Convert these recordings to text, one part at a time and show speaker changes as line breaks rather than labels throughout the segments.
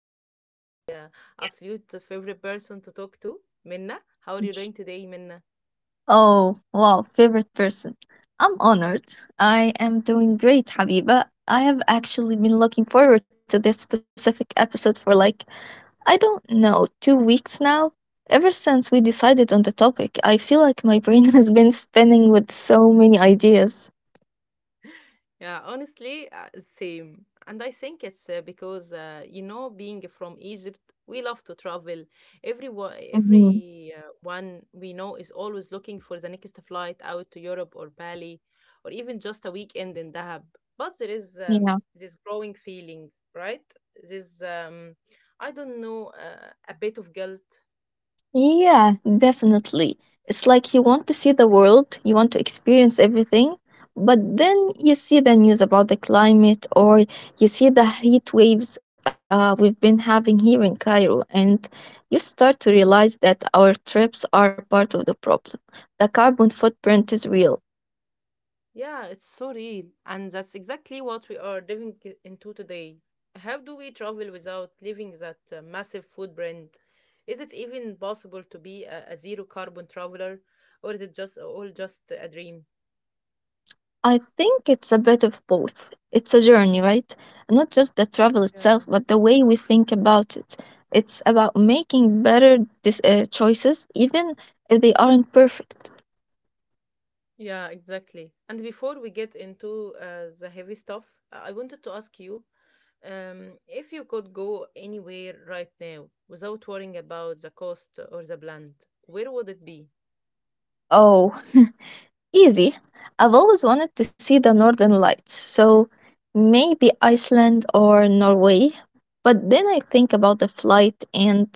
here with my absolute favorite person to talk to, Minna. How are you doing today, Minna?
Oh, wow, favorite person. I'm honored. I am doing great, Habiba. I have actually been looking forward to this specific episode for I don't know, 2 weeks now. Ever since we decided on the topic, I feel like my brain has been spinning with so many ideas.
Yeah, honestly, same. And I think it's because being from Egypt, we love to travel. Everyone,
Mm-hmm.
every one we know is always looking for the next flight out to Europe or Bali, or even just a weekend in Dahab. But there is
Yeah.
this growing feeling, right? This I don't know, a bit of guilt.
Yeah, definitely. It's like you want to see the world, you want to experience everything, but then you see the news about the climate or you see the heat waves we've been having here in Cairo, and you start to realize that our trips are part of the problem. The carbon footprint is real.
Yeah, it's so real. And that's exactly what we are living into today. How do we travel without leaving that massive footprint? Is it even possible to be a zero carbon traveler, or is it just all just a dream?
I think it's a bit of both. It's a journey, right? Not just the travel
Yeah.
itself, but the way we think about it. It's about making better choices, even if they aren't perfect.
Yeah, exactly. And before we get into the heavy stuff, I wanted to ask you if you could go anywhere right now without worrying about the cost or the brand, where would it be?
Oh, easy. I've always wanted to see the Northern Lights, so maybe Iceland or Norway. But then I think about the flight and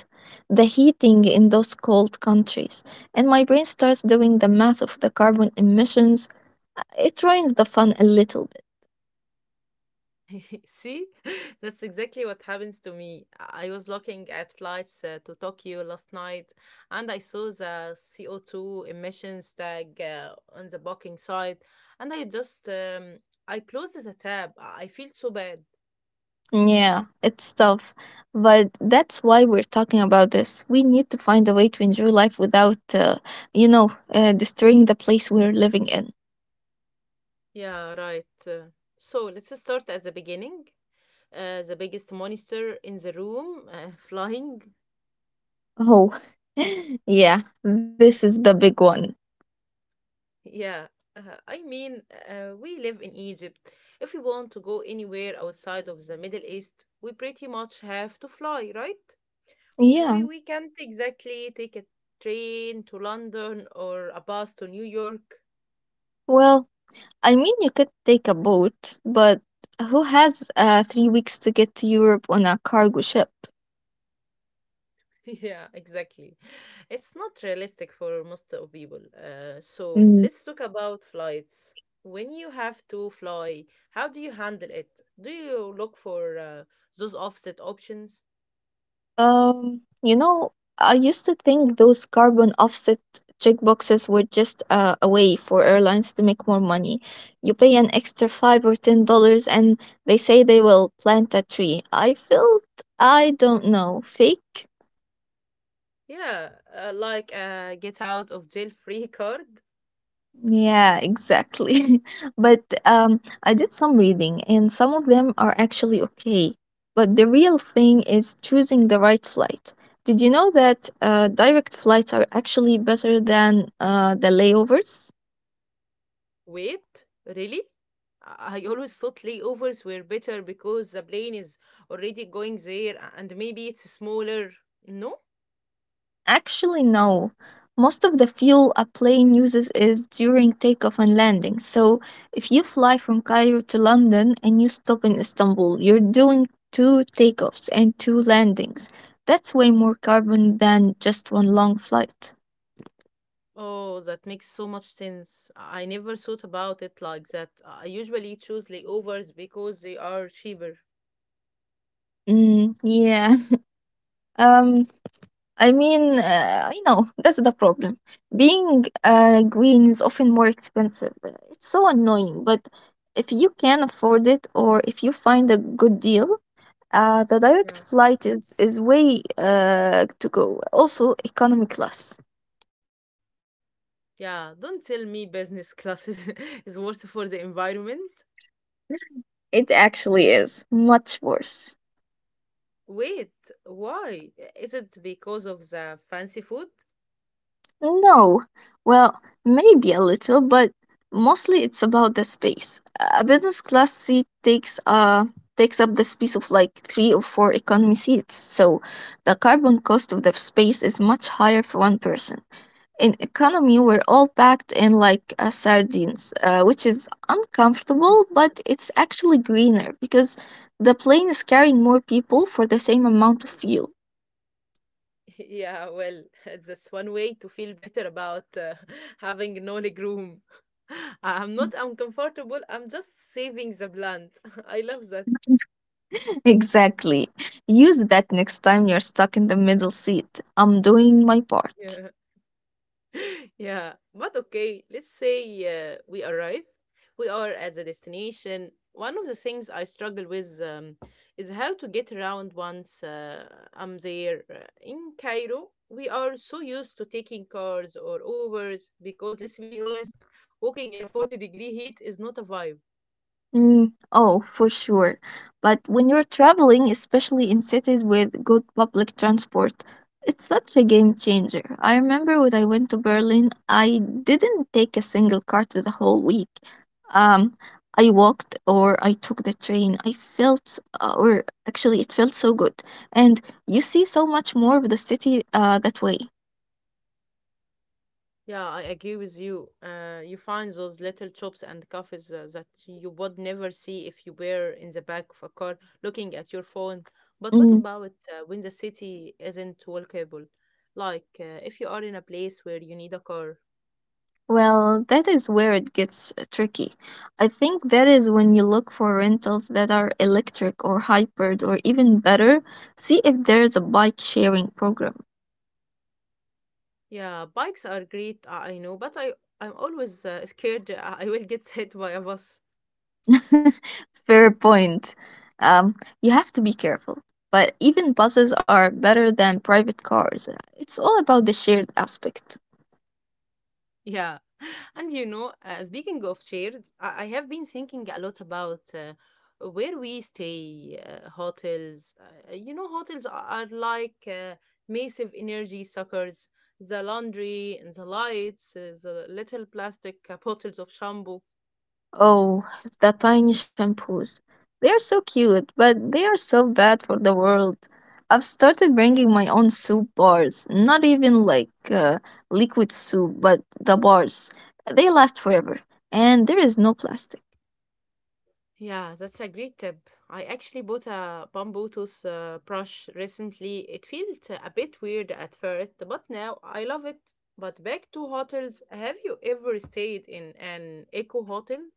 the heating in those cold countries, and my brain starts doing the math of the carbon emissions. It ruins the fun a little bit.
See, that's exactly what happens to me. I was looking at flights to Tokyo last night and I saw the CO2 emissions tag on the booking site and I just I closed the tab. I feel so bad.
Yeah, it's tough. But that's why we're talking about this. We need to find a way to enjoy life without, destroying the place we're living in.
Yeah, right. So let's start at the beginning. The biggest monster in the room, flying.
Oh, yeah, this is the big one.
Yeah, I mean, we live in Egypt. If we want to go anywhere outside of the Middle East, we pretty much have to fly, right? We
Yeah.
we can't exactly take a train to London or a bus to New York.
Well, I mean, you could take a boat, but who has 3 weeks to get to Europe on a cargo ship?
Yeah, exactly. It's not realistic for most of people. So let's talk about flights. When you have to fly, how do you handle it? Do you look for those offset options?
You know, I used to think those carbon offset checkboxes were just a way for airlines to make more money. You pay an extra $5 or $10, and they say they will plant a tree. I felt, I don't know, fake.
Yeah, like a get out of jail free card.
Yeah, exactly. But I did some reading, and some of them are actually okay. But the real thing is choosing the right flight. Did you know that direct flights are actually better than the layovers?
Wait, really? I always thought layovers were better because the plane is already going there and maybe it's smaller. No?
Actually, no. Most of the fuel a plane uses is during takeoff and landing. So, if you fly from Cairo to London and you stop in Istanbul, you're doing two takeoffs and two landings. That's way more carbon than just one long flight.
Oh, that makes so much sense. I never thought about it like that. I usually choose layovers because they are cheaper.
Yeah. Um, I mean, I know that's the problem. Being green is often more expensive. It's so annoying, but if you can afford it or if you find a good deal, Uh, the direct
Yeah.
flight is, is way to go. Also, economy class.
Yeah, don't tell me business class is, is worse for the environment.
It actually is much worse.
Wait, why? Is it because of the fancy food?
No, well, maybe a little, but mostly it's about the space. A business class seat takes up the space of like three or four economy seats, so the carbon cost of the space is much higher for one person. In economy, we're all packed in like sardines, which is uncomfortable, but it's actually greener because the plane is carrying more people for the same amount of fuel.
Yeah, well, that's one way to feel better about having no leg room. I'm not uncomfortable, I'm just saving the blunt. I love that.
Exactly. Use that next time you're stuck in the middle seat. I'm doing my part.
Yeah. Yeah, but okay, let's say we arrive, we are at the destination. One of the things I struggle with is how to get around once I'm there. In Cairo, we are so used to taking cars or Ubers because, let's be honest, walking in a 40-degree heat is not a vibe.
Oh, for sure. But when you're traveling, especially in cities with good public transport, it's such a game changer. I remember when I went to Berlin, I didn't take a single car to the whole week. Um, I walked or I took the train. I felt, or actually, it felt so good. And you see so much more of the city that way.
Yeah, I agree with you. You find those little shops and cafes that you would never see if you were in the back of a car looking at your phone. But what
Mm-hmm.
about when the city isn't walkable? Like if you are in a place where you need a car.
Well, that is where it gets tricky. I think that is when you look for rentals that are electric or hybrid, or even better, see if there is a bike sharing program.
Yeah, bikes are great, I know, but I'm always scared I I will get hit by a bus.
Fair point. Um, you have to be careful. But even buses are better than private cars. It's all about the shared aspect.
Yeah. And you know, speaking of shared, I have been thinking a lot about where we stay, hotels. You know, hotels are like massive energy suckers. The laundry and the lights, the little plastic bottles of shampoo.
Oh, the tiny shampoos. They are so cute, but they are so bad for the world. I've started bringing
uh,
my own soup bars, not even liquid soup, but the bars. They last forever, and there is no plastic.
Yeah, that's a great tip. I actually bought a bamboo tooth brush recently. It felt a bit weird at first, but now I love it. But back to hotels, have you ever stayed in an eco hotel?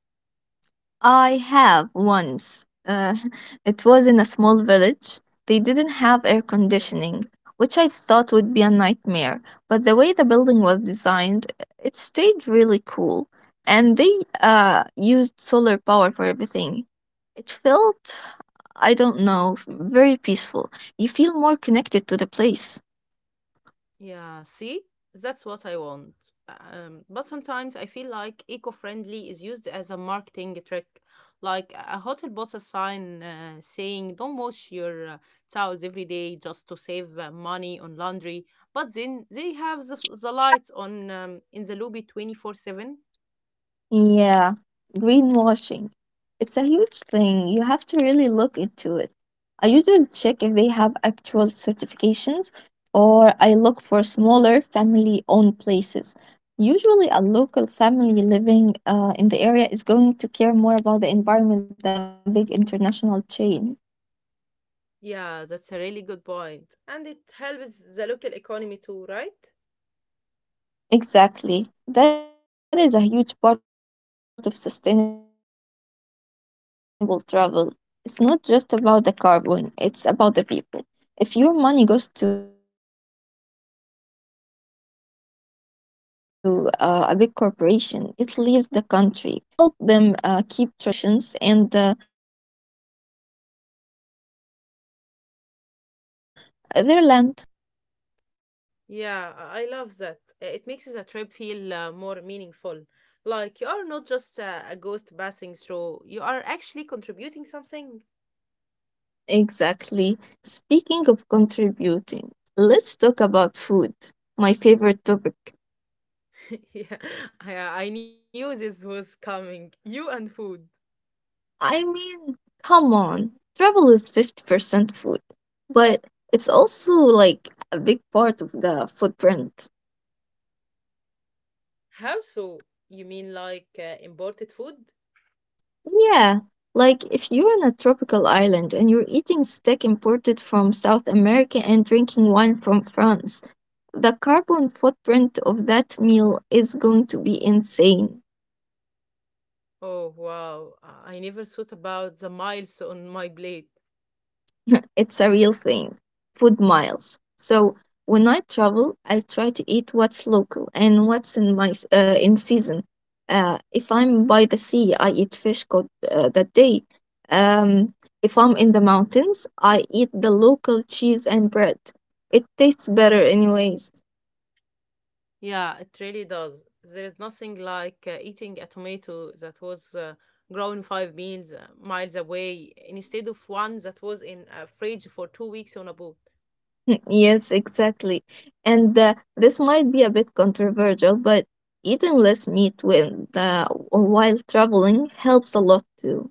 I have once. It was in a small village. They didn't have air conditioning, which I thought would be a nightmare. But the way the building was designed, it stayed really cool. And they used solar power for everything. It felt, I don't know, very peaceful. You feel more connected to the place.
Yeah, see, that's what I want. But sometimes I feel like eco-friendly is used as a marketing trick, like a hotel bought a sign saying "Don't wash your towels every day just to save money on laundry," but then they have the lights on in the lobby 24/7.
Yeah, greenwashing. It's a huge thing. You have to really look into it. I usually check if they have actual certifications, or I look for smaller family owned places. Usually, a local family living in the area is going to care more about the environment than a big international chain.
Yeah, that's a really good point, and it helps the local economy too, right?
Exactly. That is a huge part of sustainable travel. It's not just about the carbon, it's about the people. If your money goes to a big corporation, it leaves the country. If it goes to a local guest house, it stays there. It helps them keep traditions and their land.
Yeah, I love that. It makes the trip feel more meaningful.
So,
Like you are not just a ghost passing through, you are actually contributing something.
exactly. Speaking of contributing, let's talk about food,
Yeah,
my
I,
favorite
I
topic.
knew this was coming. You and food.
I mean, come on. Travel is 50% food, but it's also like a big part of the footprint.
How so? You mean like imported food?
Yeah, like if you're on a tropical island and you're eating steak imported from South America and drinking wine from France, the carbon footprint of that meal is going to be insane.
Oh, wow. I never thought about the miles on my plate.
It's a real thing. Food miles. So when I travel, I try to eat what's local and what's in season. If I'm by the sea, I eat fish caught that day. Um, if I'm in the mountains, I eat the local cheese and bread. It tastes better, anyways.
Yeah, it really does. There is nothing like eating a tomato that was grown 5 miles miles away instead of one that was in a fridge for 2 weeks on a boat.
Yes, exactly. And this might be a bit controversial, but eating less meat when while traveling helps a lot too.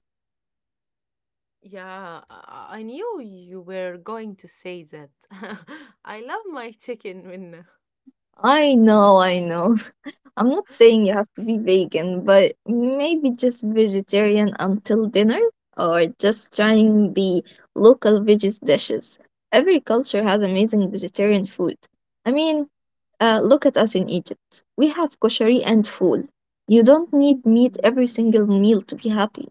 Yeah, I knew you were going to say that. I love my chicken when.
I know, I know. I'm not saying you have to be vegan, but maybe just vegetarian until dinner, or just trying the local veggies dishes. Every culture has amazing vegetarian food. I mean, look at us in Egypt. We have koshari and fool. You don't need meat
Yeah.
every single meal to be happy.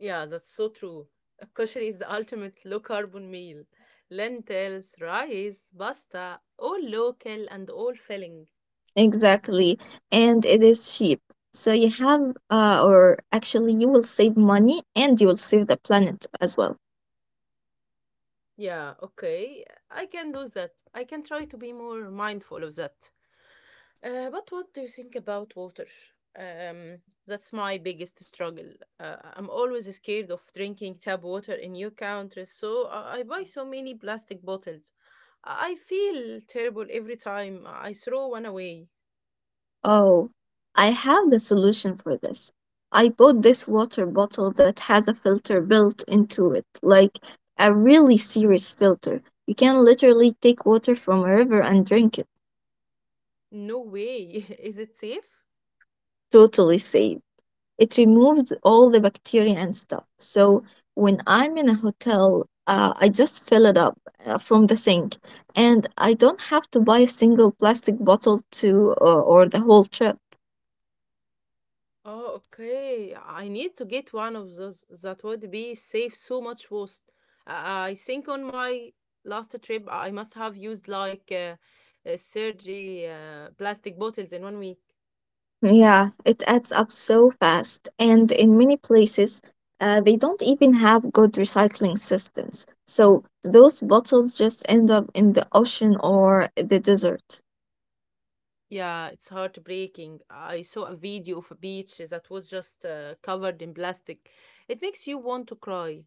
Yeah, that's so true. Kosher is the ultimate low carbon meal. Lentils, rice, pasta, all local and all filling.
Exactly. And it is cheap. So you have, or actually, you will save money and you will save the planet as well.
Yeah, okay. I can do that. I can try to be more mindful of that. But what do you think about water? Um, that's my biggest struggle. I'm always scared of drinking tap water in new countries, so I buy so many plastic bottles. I feel terrible every time I throw one away.
Oh, I have the solution for this. I bought this water bottle that has a filter built into it, like a really serious filter. You can literally take water from a river and drink it.
No way. Is it safe?
Totally safe. It removes all the bacteria and stuff. So when I'm in a hotel, I just fill it up from the sink, and I don't have to buy a single plastic bottle to or the whole trip.
Oh, okay. I need to get one of those. That would be save so much waste. I think on my last trip, I must have used like surgery plastic bottles in 1 week.
Yeah, it adds up so fast. And in many places, they don't even have good recycling systems. So those bottles just end up in the ocean or the desert.
Yeah, it's heartbreaking. I saw a video of a beach that was just covered in plastic. It makes you want to cry.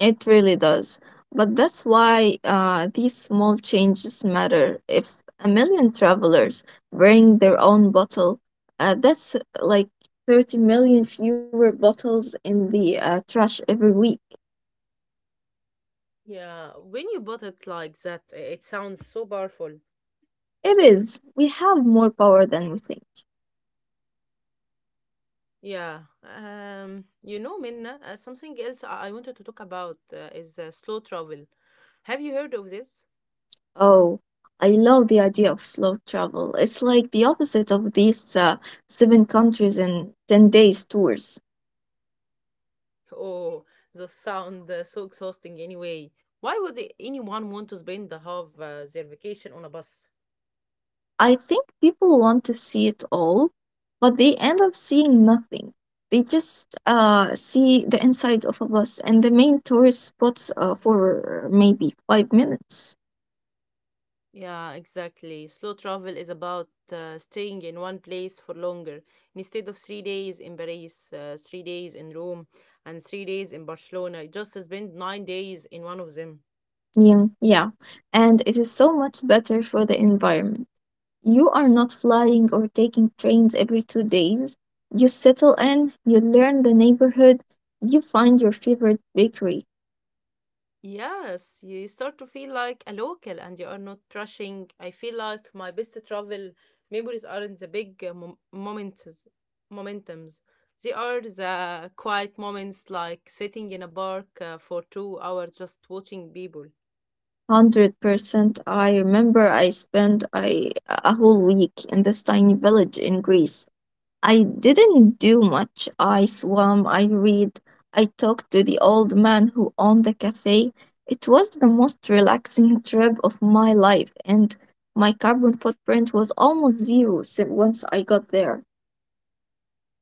It really does. But that's why these small changes matter. If a million travelers bring their own bottle, that's like 30 million fewer bottles in the trash every week.
Yeah, when you bought it like that, it sounds so powerful.
It is. We have more power than we think.
Yeah. You know, Minna, something else I wanted to talk about is slow travel. Have you heard of this?
Oh, I love the idea of slow travel. It's like the opposite of these seven countries in 10 days tours.
Oh, the sound so exhausting anyway. Why would anyone want to spend the half their vacation on a bus?
I think people want to see it all, but they end up seeing nothing. They just see the inside of a bus and the main tourist spots for maybe 5 minutes.
Yeah, exactly. Slow travel is about staying in one place for longer. Instead of 3 days in Paris, 3 days in Rome, and 3 days in Barcelona, you just spend 9 days in one of them.
Yeah, yeah, and it is so much better for the environment. You are not flying or taking trains every 2 days. You settle in, you learn the neighborhood, you find your favorite bakery.
Yes, you start to feel like a local and you are not rushing. I feel like my best travel memories aren't the big moments, momentums. They are the quiet moments like sitting in a park for 2 hours just watching people.
100%. I remember I spent a whole week in this tiny village in Greece. I didn't do much. I swam, I read, I talked to the old man who owned the cafe. It was the most relaxing trip of my life, and my carbon footprint was almost once I got there.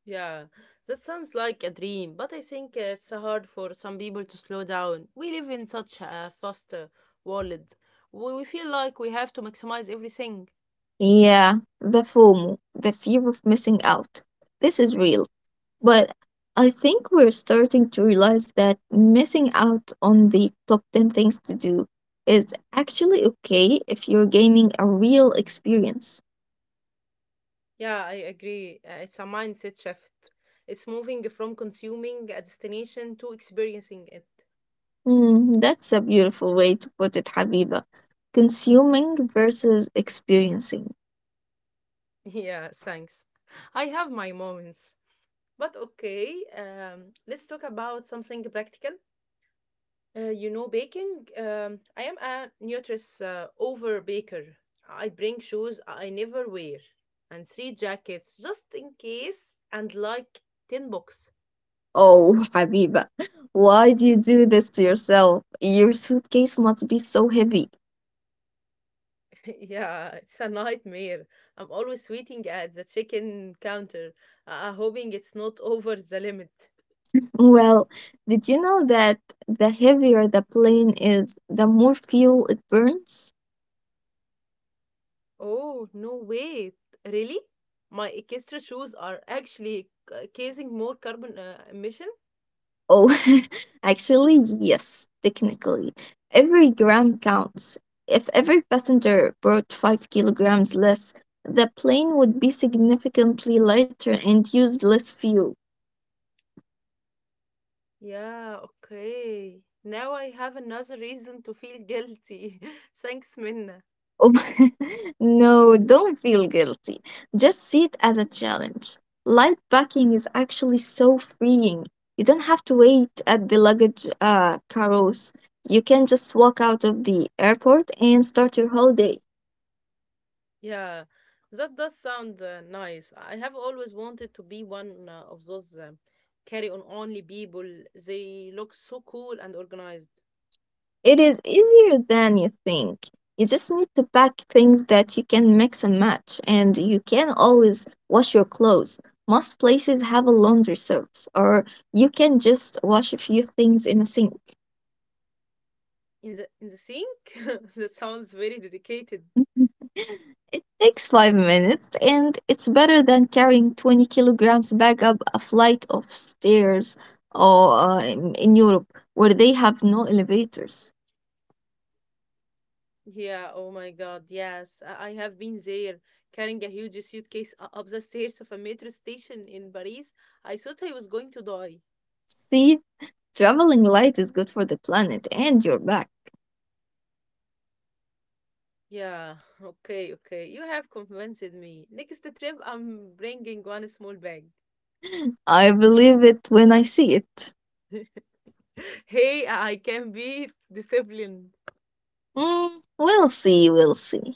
Yeah, that sounds like a dream, but I think it's hard for some people to slow down. We live in such a fast world. We feel like we have to maximize everything.
Yeah, the FOMO, the fear of missing out. This is real. But I think we're starting to realize that missing out on the top 10 things to do is actually okay if you're gaining a real experience.
Yeah, I agree. It's a mindset shift. It's moving from consuming a destination to experiencing it.
Hmm, that's a beautiful way to put it, Habiba. Consuming versus experiencing.
Yeah, thanks. I have my moments. But okay, let's talk about something practical. You know, baking. I am a nutritious over baker. I bring shoes I never wear and three jackets just in case and like 10 books.
Oh, Habiba, why do you do this to yourself? Your suitcase must be so heavy.
Yeah, it's a nightmare. I'm always waiting at the chicken counter, hoping it's not over the limit.
Well, did you know that the heavier the plane is, the more fuel it burns?
Oh, no, wait. Really? My extra shoes are actually causing more carbon emission?
Oh, actually, yes, technically. Every gram counts. If every passenger brought 5 kilograms less, the plane would be significantly lighter and use less fuel.
Yeah, okay. Now I have another reason to feel guilty. Thanks, Minna.
Oh, no, don't feel guilty. Just see it as a challenge. Light packing is actually so freeing. You don't have to wait at the luggage carousel. You can just walk out of the airport and start your holiday.
Yeah, that does sound nice. I have always wanted to be one of those carry on only people. They look so cool and organized.
It is easier than you think. You just need to pack things that you can mix and match, and you can always wash your clothes. Most places have a laundry service, or you can just wash a few things in a sink.
In the sink? That sounds very dedicated.
It takes 5 minutes, and it's better than carrying 20 kilograms back up a flight of stairs or in Europe where they have no elevators.
Yeah, oh my God, yes. I have been there carrying a huge suitcase up the stairs of a metro station in Paris. I thought I was going to die.
See, traveling light is good for the planet and your back.
Yeah, okay. You have convinced me. Next trip, I'm bringing one small bag.
I believe it when I see it.
Hey, I can be disciplined.
Mm, we'll see, we'll see.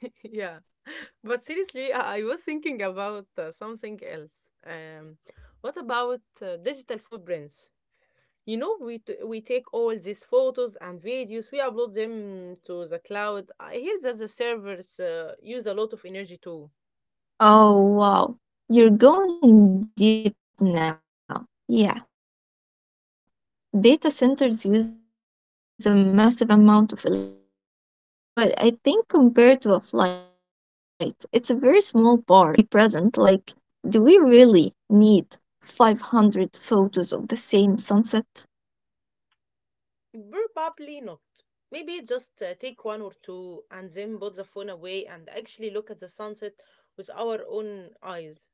Yeah. But seriously, I was thinking about something else. Um, what about digital footprints? You know, we take all these photos and videos, we upload them to the cloud. I hear that the servers use a lot of energy too.
Oh, wow. You're going deep now. Yeah. Data centers use a massive amount of electricity. But I think compared to a flight, it's a very small part. However, it is a good reminder to just be present. Like, do we really need 500 photos of the same sunset?
Probably not. Maybe just take one or two and then put the phone away and actually look at the sunset with our own eyes.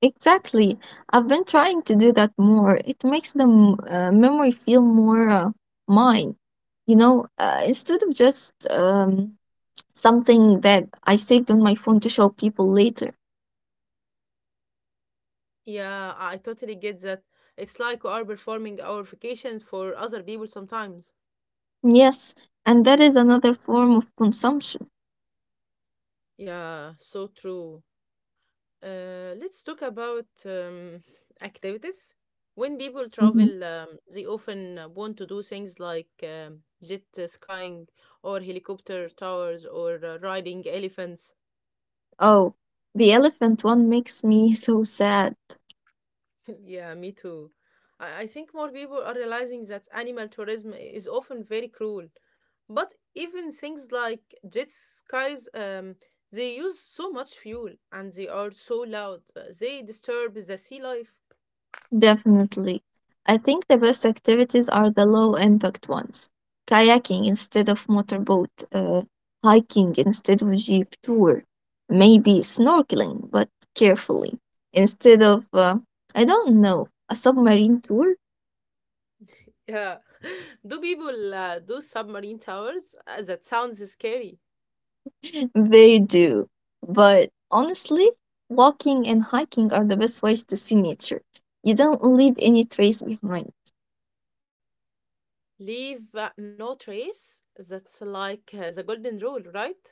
Exactly. I've been trying to do that more. It makes the memory feel more mine, instead of just something that I saved on my phone to show people later.
Yeah, I totally get that. It's like we are performing our vacations for other people sometimes.
Yes, and that is another form of consumption.
Yeah, so true. Let's talk about activities. When people
Mhm.
travel, they often want to do things like jet skiing or helicopter towers or riding elephants.
Oh, the elephant one makes me so sad.
Yeah, me too. I think more people are realizing that animal tourism is often very cruel. But even things like jet skis, they use so much fuel and they are so loud. They disturb the sea life.
Definitely. I think the best activities are the low impact ones. Kayaking instead of motorboat, hiking
Yeah.
instead of jeep tour, maybe snorkeling, but carefully, instead of, I don't know, a submarine tour?
Yeah. Do people do submarine towers? That sounds scary.
They do. But honestly, walking and hiking are the best ways to see nature. You don't leave any trace behind.
Leave no trace. That's like the golden rule, right?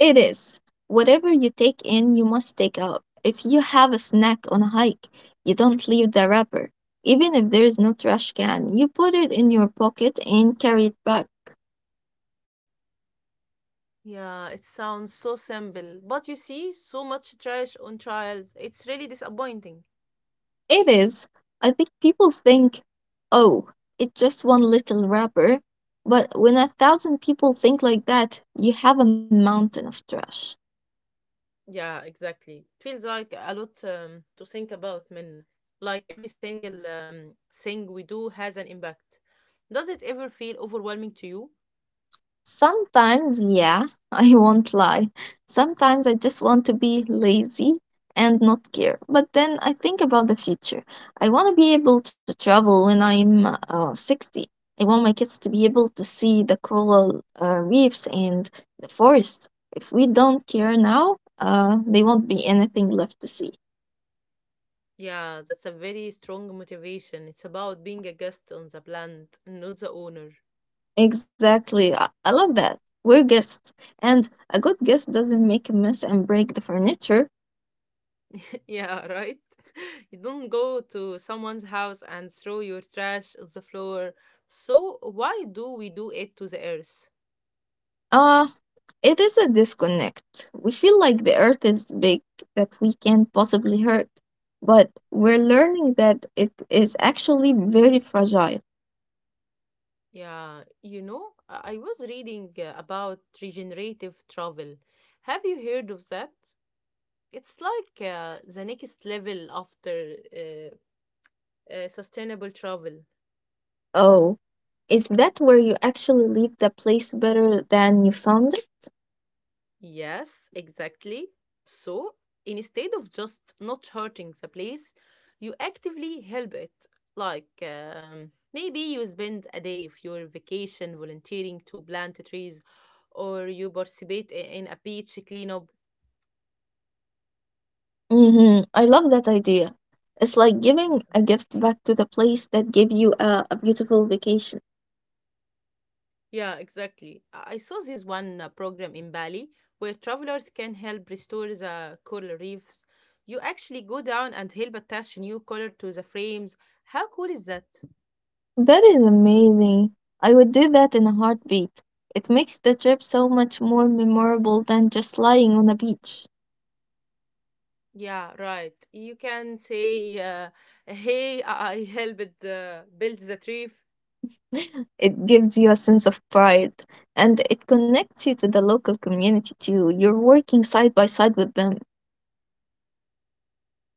It is. Whatever you take in, you must take out. If you have a snack on a hike, you don't leave the wrapper. Even if there is no trash can, you put it in your pocket and carry it back.
Yeah, it sounds so simple, but you see so much trash on trials. It's really disappointing.
It is. I think people think, oh, it's just one little wrapper. But when a thousand people think like that, you have a mountain of trash.
Yeah, exactly. Feels like a lot to think about, Minna. Like every single thing we do has an impact. Does it ever feel overwhelming to you?
Sometimes, yeah, I won't lie. Sometimes I just want to be lazy and not care. But then I think about the future. I want to be able to travel when I'm 60. I want my kids to be able to see the coral reefs and the forest. If we don't care now, there won't be anything left to see.
Yeah, that's a very strong motivation. It's about being a guest on the plant, not the owner.
Exactly. I love that. We're guests. And a good guest doesn't make a mess and break the furniture.
Yeah, right? You don't go to someone's house and throw your trash on the floor. So, why do we do it to the earth?
Uh, It is a disconnect. We feel like the earth is big, that we can't possibly hurt. But we're learning that it is actually very fragile.
Yeah, you know, I was reading about regenerative travel. Have you heard of that? It's like the next level after uh, sustainable travel.
Oh, is that where you actually leave the place better than you found it?
Yes, exactly. So instead of just not hurting the place, you actively help it. Like maybe you spend a day of your vacation volunteering to plant trees, or you participate in a beach cleanup.
I love that idea. It's like
Yeah.
giving a gift back to the place that gave you a beautiful vacation.
Yeah, exactly. I saw this one program in Bali where travelers can help restore the coral reefs. You actually go down and help attach new color to the frames. How cool is that?
That is amazing. I would do that in a heartbeat. It makes the trip so much more memorable than just lying on a beach.
Yeah, right. You can say, "Hey, I helped build the trip."
It gives you a sense of pride and it connects you to the local community too. You're working side by side with them.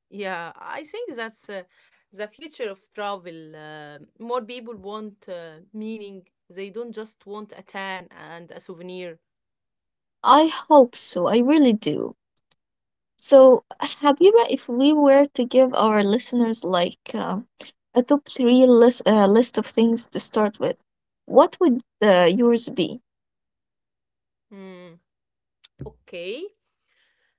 Yeah, I think that's the future of travel. More people want meaning. They don't just want a tan and a souvenir.
I hope so. I really do. So, Habiba, if we were to give our listeners like a top three list, list of things to start with, what would yours be?
Hmm. Okay.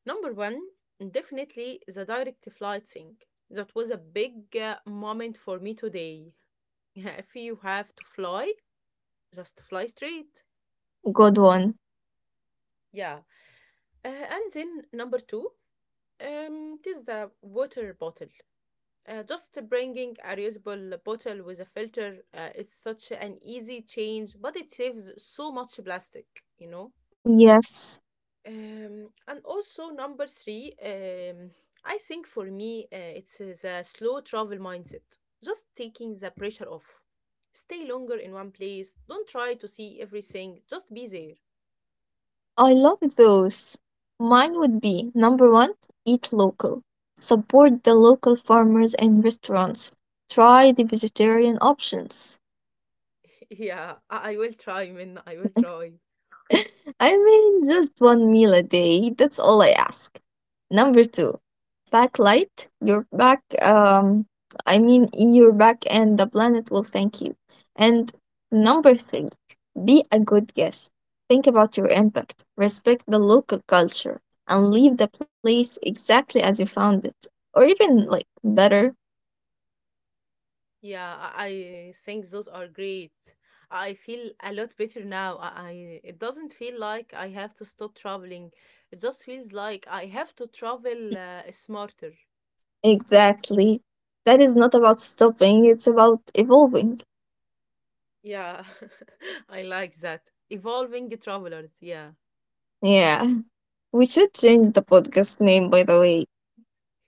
Number one, definitely the direct flight thing. That was a big moment for me today. If you have to fly, just fly straight.
Good one.
Yeah. Uh, and then number two. It is the water bottle. Just bringing a reusable bottle with a filter is such an easy change, but it saves so much plastic, you know.
Yes.
And also number three, I think for me it's the slow travel mindset. Just taking the pressure off. Stay longer in one place. Don't try to see everything. Just be there.
I love those. Mine would be number one, eat local. Support the local farmers and restaurants. Try the vegetarian options.
Yeah, I will try, Minna. I will try.
I mean, just one meal a day. That's all I ask. Number two, back light. Your back, I mean, your back and the planet will thank you. And number three, be a good guest. Think about your impact, respect the local culture, and leave the place exactly as you found it. Or even like better.
Yeah, I think those are great. I feel a lot better now. I it doesn't feel like I have to stop traveling. It just feels like I have to travel smarter.
Exactly. That is not about stopping, it's about evolving.
Yeah, I like that. Evolving travelers. Yeah.
Yeah. We should change the podcast name, by the way.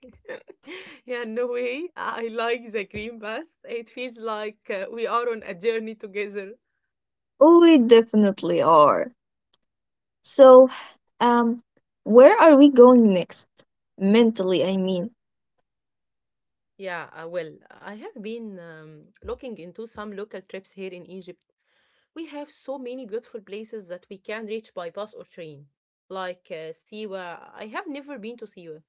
Yeah, no way. I like the green bus. It feels like we are on a journey together.
We definitely are. So, um, where are we going next? Mentally, I mean.
Yeah, well, I have been looking into some local trips here in Egypt. We have so many beautiful places that we can reach by bus or train, like Siwa. I have never been to Siwa.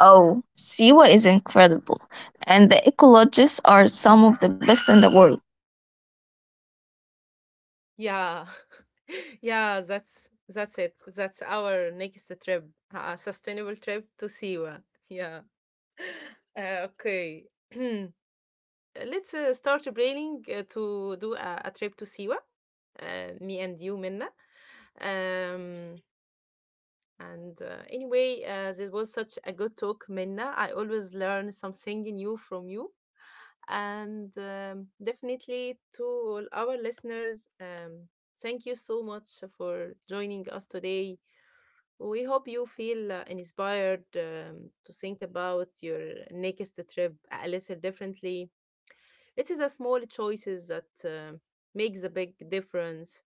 Oh, Siwa is incredible, and the ecologists are some of the best in the world.
Yeah, yeah, that's it. That's our next trip, a sustainable trip to Siwa. Yeah. Okay. Let's start planning to do a trip to Siwa, me and you, Minna. Um, and Anyway, this was such a good talk, Minna. I always learn something new from you. And definitely to all our listeners, thank you so much for joining us today. We hope you feel inspired to think about your next trip a little differently. It is the small choices that make the big difference.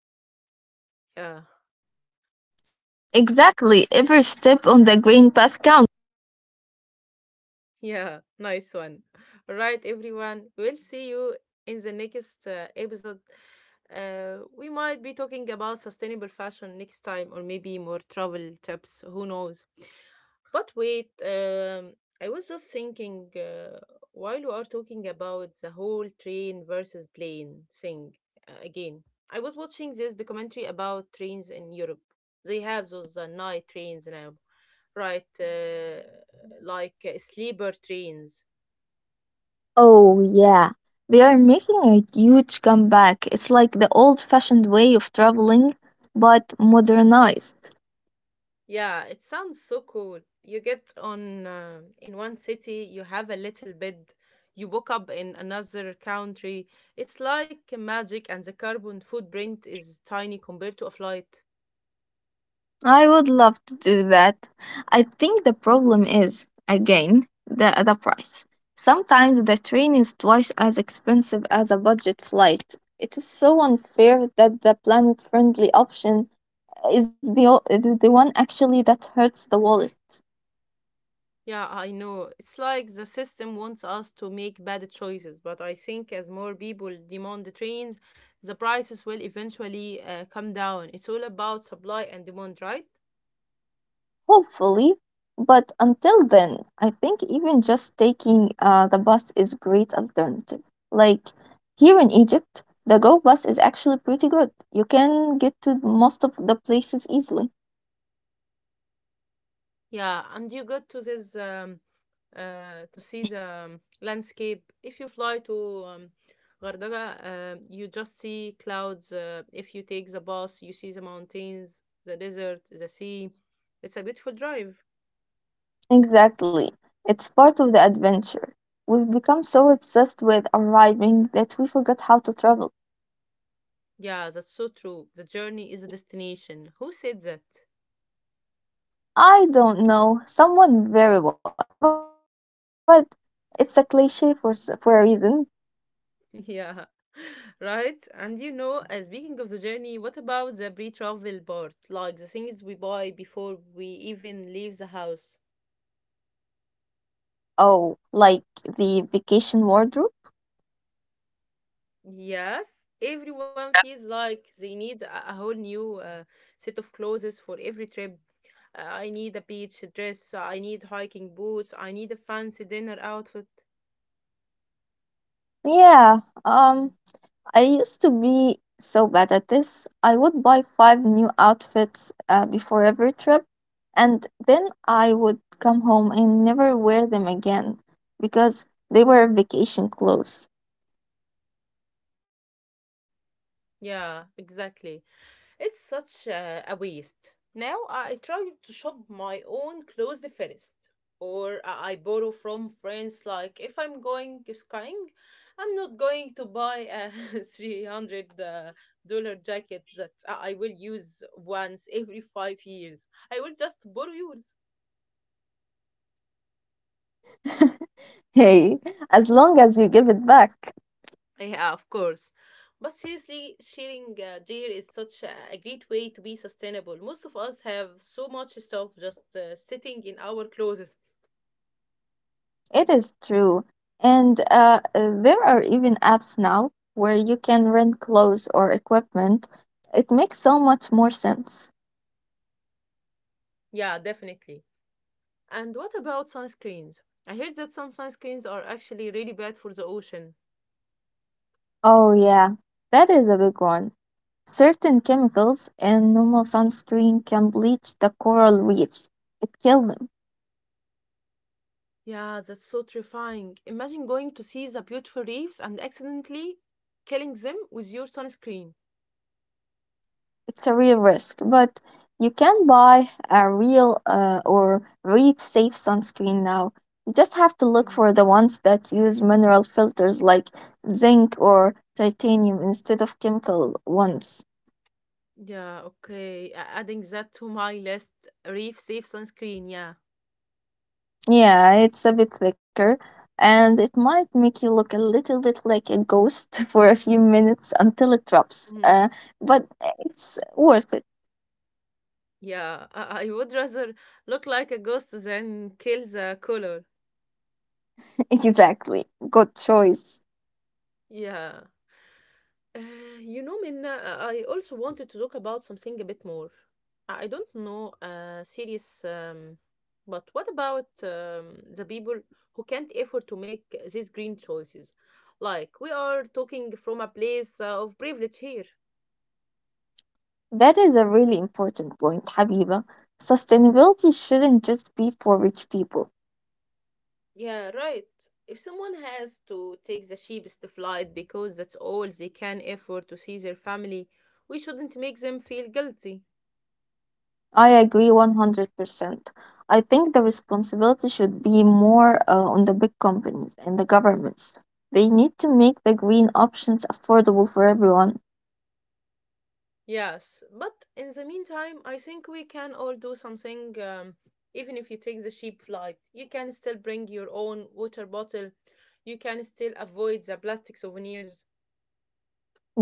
Yeah,
Exactly. Every step on the green path counts.
yeah, nice one. All right, everyone. We'll see you in the next episode. We might be talking about sustainable fashion next time, or maybe more travel tips. Who knows? But wait, I was just thinking while we are talking about the whole train versus plane thing again. I was watching this documentary about trains in Europe. They have those night trains now, right? Like sleeper trains.
Oh, yeah. They are making a huge comeback. It's like the old fashioned way of traveling, but modernized.
Yeah, it sounds so cool. You get on in one city, you have a little bed, you woke up in another country. It's like magic, and the carbon footprint is tiny compared to a flight.
I would love to do that. I think the problem is, again, the price. Sometimes the train is twice as expensive as a budget flight. It is so unfair that the planet friendly option is the one actually that hurts the wallet.
Yeah, I know. It's like the system wants us to make bad choices, but I think as more people demand the trains, the prices will eventually come down. It's all about supply and demand, right?
Hopefully. But until then, I think even just taking the bus is great alternative. Like here in Egypt, the Go bus is actually pretty good. You can get to most of the places easily.
Yeah, and you go to this to see the landscape. If you fly to Gardaga, you just see clouds. If you take the bus, you see the mountains, the desert, the sea. It's a beautiful drive.
Exactly. It's part of the adventure. We've become so obsessed with arriving that we forgot how to travel.
Yeah, that's so true. The journey is a destination. Who said that?
I don't know, someone very wise, but it's a cliche for a reason.
Yeah, right. And you know, speaking of the journey, what about the pre-travel part? Like the things we buy before we even leave the house?
Oh, like the vacation wardrobe?
Yes, everyone feels like they need a whole new set of clothes for every trip. I need a beach dress, I need hiking boots, I need a fancy dinner outfit.
Yeah, I used to be so bad at this. I would buy five new outfits before every trip and then I would come home and never wear them again because they were vacation clothes.
Yeah, exactly. It's such a waste. Now I try to shop my own clothes first, or I borrow from friends. Like if I'm going skiing, I'm not going to buy a 300 dollar jacket that I will use once every 5 years. I will just borrow yours.
Hey, as long as you give it back.
Yeah, of course. But seriously, sharing gear is such a great way to be sustainable. Most of us have so much stuff just sitting in our closets.
It is true. And there are even apps now where you can rent clothes or equipment. It makes so much more sense.
Yeah, definitely. And what about sunscreens? I heard that some sunscreens are actually really bad for the ocean.
Oh, yeah, that is a big one. Certain chemicals in normal sunscreen can bleach the coral reefs, it kills them.
Yeah, that's so terrifying. Imagine going to see the beautiful reefs and accidentally killing them with your sunscreen.
It's a real risk, but you can buy a real or reef safe sunscreen now. You just have to look
Mm.
for the ones that use mineral filters like zinc or titanium instead of chemical ones.
Yeah, okay. Adding that to my list, reef safe sunscreen, yeah.
Yeah, it's a bit thicker and it might make you look a little bit like a ghost for a few minutes until it drops.
Mhm.
But it's worth it.
Yeah, I would rather look like a ghost than kill the color.
Exactly. Good choice.
Yeah. Uh, you know, Minna, I also wanted to talk about something a bit more. I don't know, serious, but what about the people who can't afford to make these green choices? Like, we are talking from a place of privilege here.
That is a really important point, Habiba. Sustainability shouldn't just be for rich people.
Yeah, right. If someone has to take the cheapest flight because that's all they can afford to see their family, we shouldn't make them feel guilty.
I agree 100%. I think the responsibility should be more on the big companies and the governments. They need to make the green options affordable for everyone.
Yes, but in the meantime, I think we can all do something. Even if you take the cheap flight, you can still bring your own water bottle. You can still avoid the plastic souvenirs.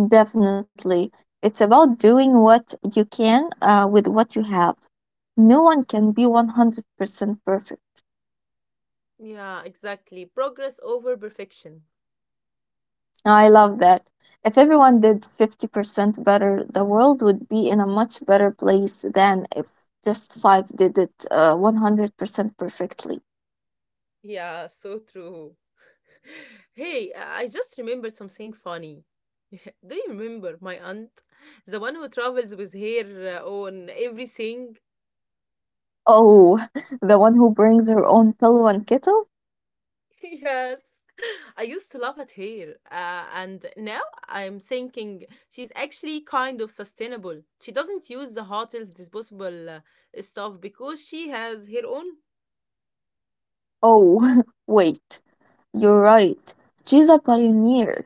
Definitely. It's about doing what you can with what you have. No one can be 100% perfect.
Yeah, exactly. Progress over perfection.
No, I love that. If everyone did 50% better, the world would be in a much better place than if just five did it 100% perfectly.
Yeah, so true. Hey, I just remembered something funny. Do you remember my aunt? The one who travels with her on everything?
Oh, the one who brings her own pillow and kettle?
Yes, I used to love it here, and now I'm thinking she's actually kind of sustainable. She doesn't use the hotel's disposable stuff because she has her own.
Oh, wait, you're right. She's a pioneer.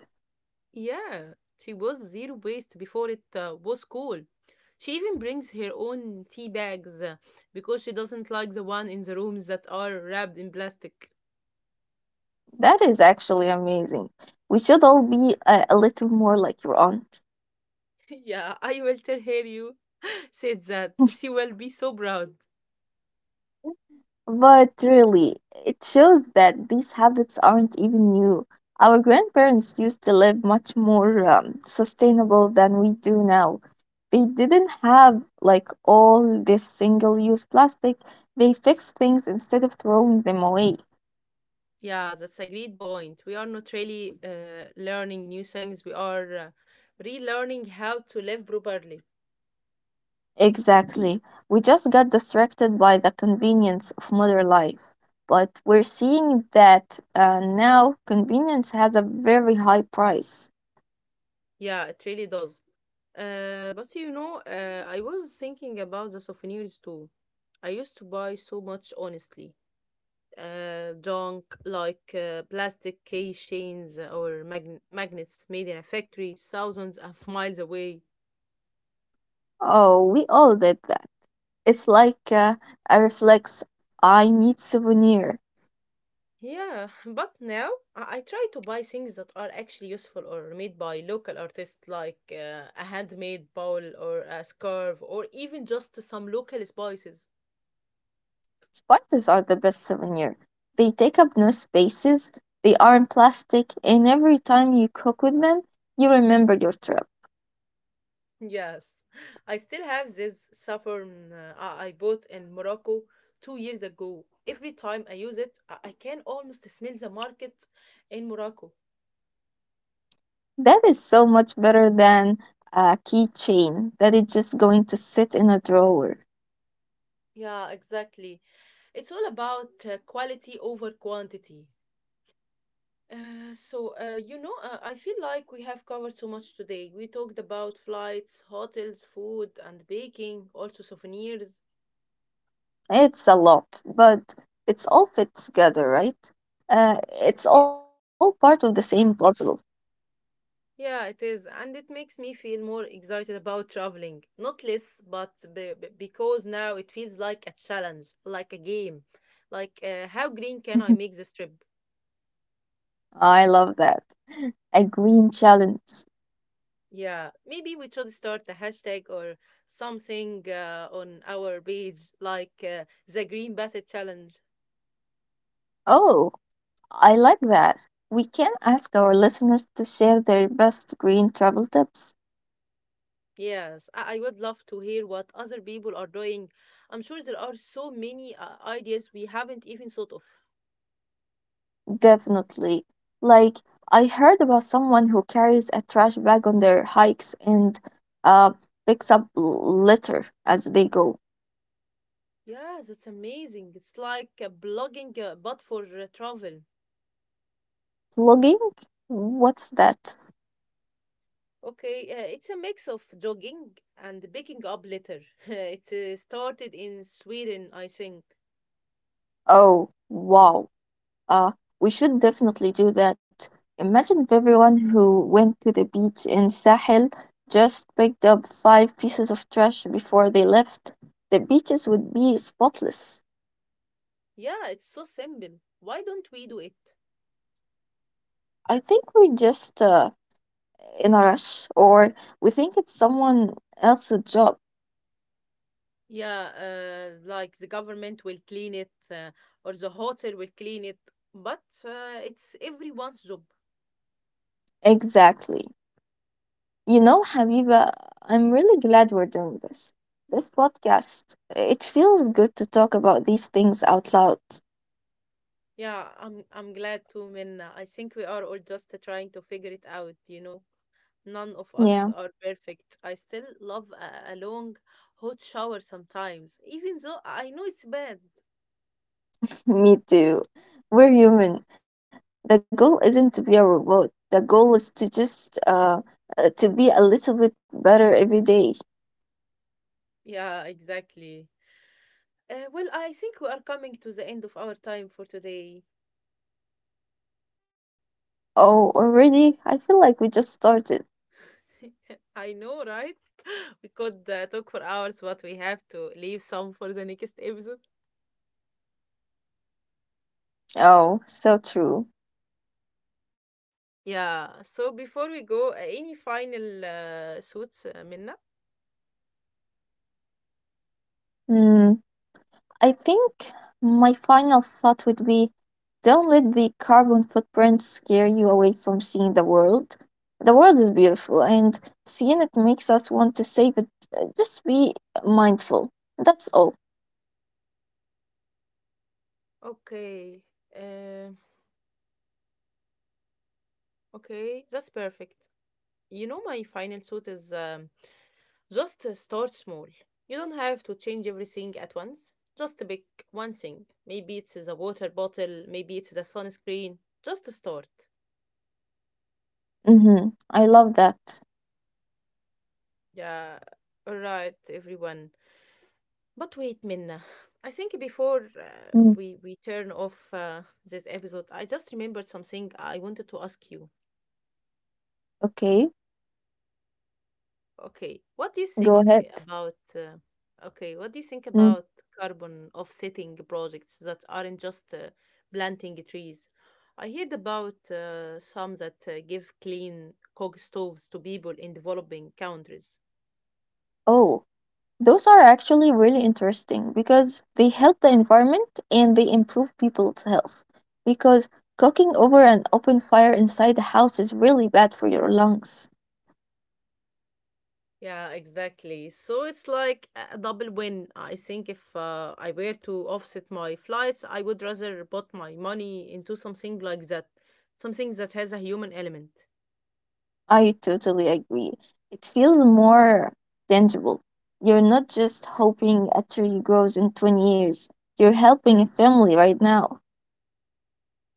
Yeah, she was zero waste before it was cool. She even brings her own tea bags because she doesn't like the one in the rooms that are wrapped in plastic.
That is actually amazing. We should all be a little more like your aunt.
Yeah, I will tell her you said that. She will be so proud.
But really, it shows that these habits aren't even new. Our grandparents used to live much more sustainable than we do now. They didn't have like all this single use plastic. They fixed things instead of throwing them away.
Yeah, that's a great point. We are not really learning new things. We are relearning how to live properly.
Exactly. We just got distracted by the convenience of modern life. But we're seeing that now convenience has a very high price.
Yeah, it really does. But you know, I was thinking about the souvenirs too. I used to buy so much, honestly. Junk like plastic keychains or magnets made in a factory thousands of miles away.
Oh, we all did that. It's like a reflex. I need souvenir.
Yeah, but now I try to buy things that are actually useful or made by local artists, like a handmade bowl or a scarf, or even just some local spices.
Spiders are the best souvenir. They take up no spaces. They aren't plastic, and every time you cook with them, you remember your trip.
Yes, I still have this saffron I bought in Morocco 2 years ago. Every time I use it, I can almost smell the market in Morocco.
That is so much better than a keychain that is just going to sit in a drawer.
Yeah, exactly. It's all about quality over quantity. You know, I feel like we have covered so much today. We talked about flights, hotels, food, and baking, also souvenirs.
It's a lot, but it's all fit together, right? Uh, it's
Yeah.
all part of the same puzzle.
Yeah, it is. And it makes me feel more excited about traveling. Not less, but because now it feels like a challenge, like a game. Like, how green can I make this trip?
I love that. A green challenge.
Yeah, maybe we should start a hashtag or something on our page, like the Green Basset Challenge.
Oh, I like that. We can ask our listeners to share their best green travel tips.
Yes, I would love to hear what other people are doing. I'm sure there are so many ideas we haven't even thought of.
Definitely. Like, I heard about someone who carries a trash bag on their hikes and uh, picks up litter as they go.
Yeah, that's amazing. It's like blogging but for travel.
Plugging? What's that?
Okay, it's a mix of jogging and picking up litter. It started in Sweden, I think.
Oh, wow. Uh, we should definitely do that. Imagine if everyone who went to the beach in Sahel just picked up five pieces of trash before they left. The beaches would be spotless.
Yeah, it's so simple. Why don't we do it?
I think we're just in a rush, or we think it's someone else's job.
Yeah, like the government will clean it, or the hotel will clean it, but it's everyone's job.
Exactly. You know, Habiba, I'm really glad we're doing this. This podcast, it feels good to talk about these things out loud.
Yeah, I'm glad too, Minna. I think we are all just trying to figure it out, you know. None of us are
Yeah.
perfect. I still love a long hot shower sometimes, even though I know it's bad.
Me too. We're human. The goal isn't to be a robot. The goal is to just to be a little bit better every day.
Yeah, exactly. Well, I think we are coming to the end of our time for today.
Oh, already? I feel like we just started.
I know, right? We could talk for hours, but we have to leave some for the next episode.
Oh, so true.
Yeah, so before we go, any final thoughts, Minna?
Hmm. I think my final thought would be don't let the carbon footprint scare you away from seeing the world. The world is beautiful, and seeing it makes us want to save it. Just be mindful. That's all.
Okay. Uh, okay, that's perfect. You know, my final suit is just start small. You don't have to change everything at once. Just pick one thing. Maybe it's the water bottle, maybe it's the sunscreen. Just start.
Mm-hmm. I love that.
Yeah, all right, everyone. But wait, Minna. I think before uh,
Mm.
we we turn off this episode, I just remembered something I wanted to ask you.
Okay,
Okay, what do you
go
think
ahead.
about okay, what do you think
Mm.
about carbon offsetting projects that aren't just planting trees? I heard about some that give clean coke stoves to people in developing countries.
Oh, those are actually really interesting because they help the environment and they improve people's health. Because cooking over an open fire inside the house is really bad for your lungs.
Yeah, exactly. So it's like a double win. I think if I were to offset my flights, I would rather put my money into something like that, something that has a human element.
I totally agree. It feels more tangible. You're not just hoping a tree grows in 20 years, you're helping a family right now.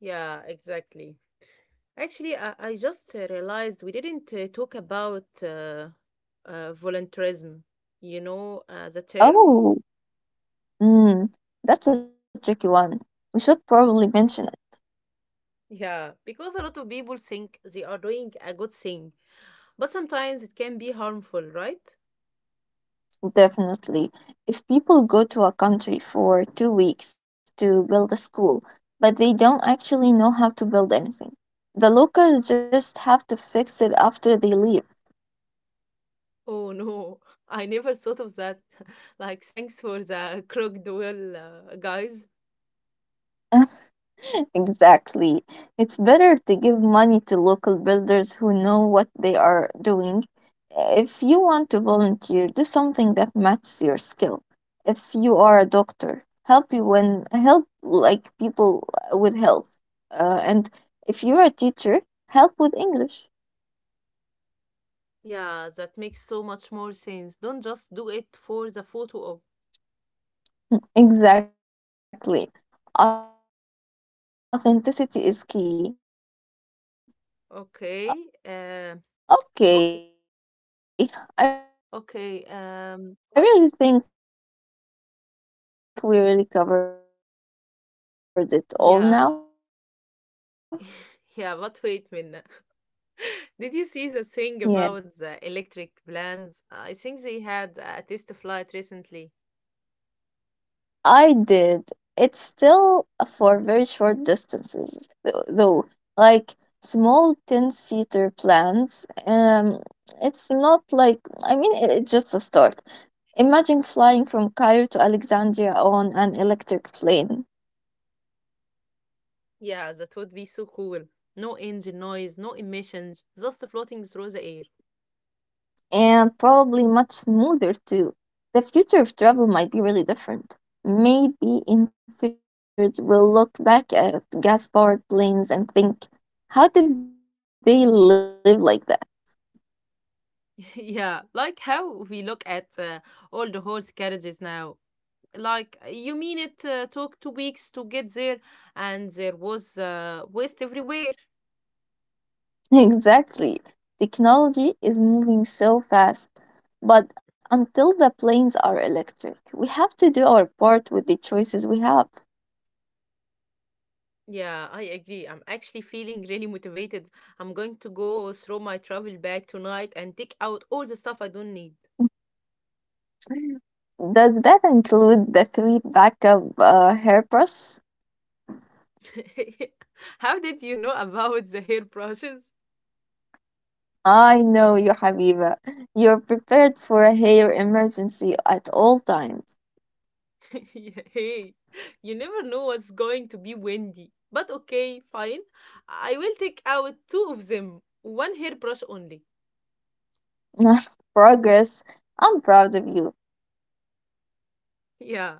Yeah, exactly. Actually, I just realized we didn't talk about voluntarism, you know, as a term.
Oh, Mm, that's a tricky one. We should probably mention
Yeah, because a lot of people think they are doing a good thing, but sometimes it can be harmful, right?
it, definitely. If people go to a country for 2 weeks to build a school, but they don't actually know how to build anything, the locals just have to fix it after they leave.
Oh no, I never thought of that. Like, thanks for the crooked well, guys.
Exactly. It's better to give money to local builders who know what they are doing. If you want to volunteer, do something that matches your skill. If you are a doctor, help you when help like people with health. And if you're a teacher, help with English.
Yeah, that makes so much more sense. Don't just do it for the photo op.
Exactly.
Okay,
Authenticity
uh,
is key.
okay, okay.
Okay, I
But
really think we really covered it all now.
Yeah. Yeah, but wait, Minna. Did you
Yeah.
see the thing about the electric plans? I think they
Yeah.
had a test flight recently.
I did. It's still for very short distances, though, like small 10 seater plans. It's not like, I mean, it's just a start. Imagine flying from Cairo to Alexandria on an electric plane,
Yeah, that would be so cool. No engine noise, no emissions, just floating through the air.
and probably much smoother too. The future of travel might be really different. Maybe in 50 years, we'll look back at gas powered planes and think, how did they live like that?
Yeah, like how we look at all the horse carriages now. Like, you mean it took 2 weeks to get there, and there was waste everywhere.
Exactly. Technology is moving so fast. But until the planes are electric, we have to do our part with the choices we have.
Yeah, I agree. I'm actually feeling really motivated. I'm going to go through my travel bag tonight and take out all the stuff I don't need.
Does that include the three backup hairbrush?
How did you know about the hairbrushes?
I know you, Habiba. You're prepared for a hair emergency at all times.
Hey, you never know what's going to be windy. But okay, fine. I will take out two of them, one hairbrush only.
Progress. I'm proud of you.
Yeah.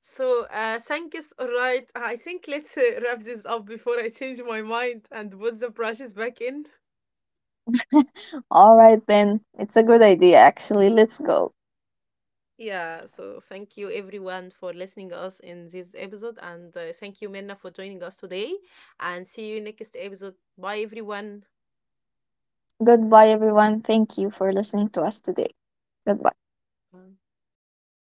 So, thank you. All right. I think let's wrap this up before I change my mind and put the brushes back in.
All right, then. It's a good idea, actually. Let's go.
Yeah, so thank you everyone for listening us in this episode and thank you Minna for joining us today and see you next episode. Bye everyone.
Goodbye, everyone. Thank you for listening to us today. Goodbye.
Bye.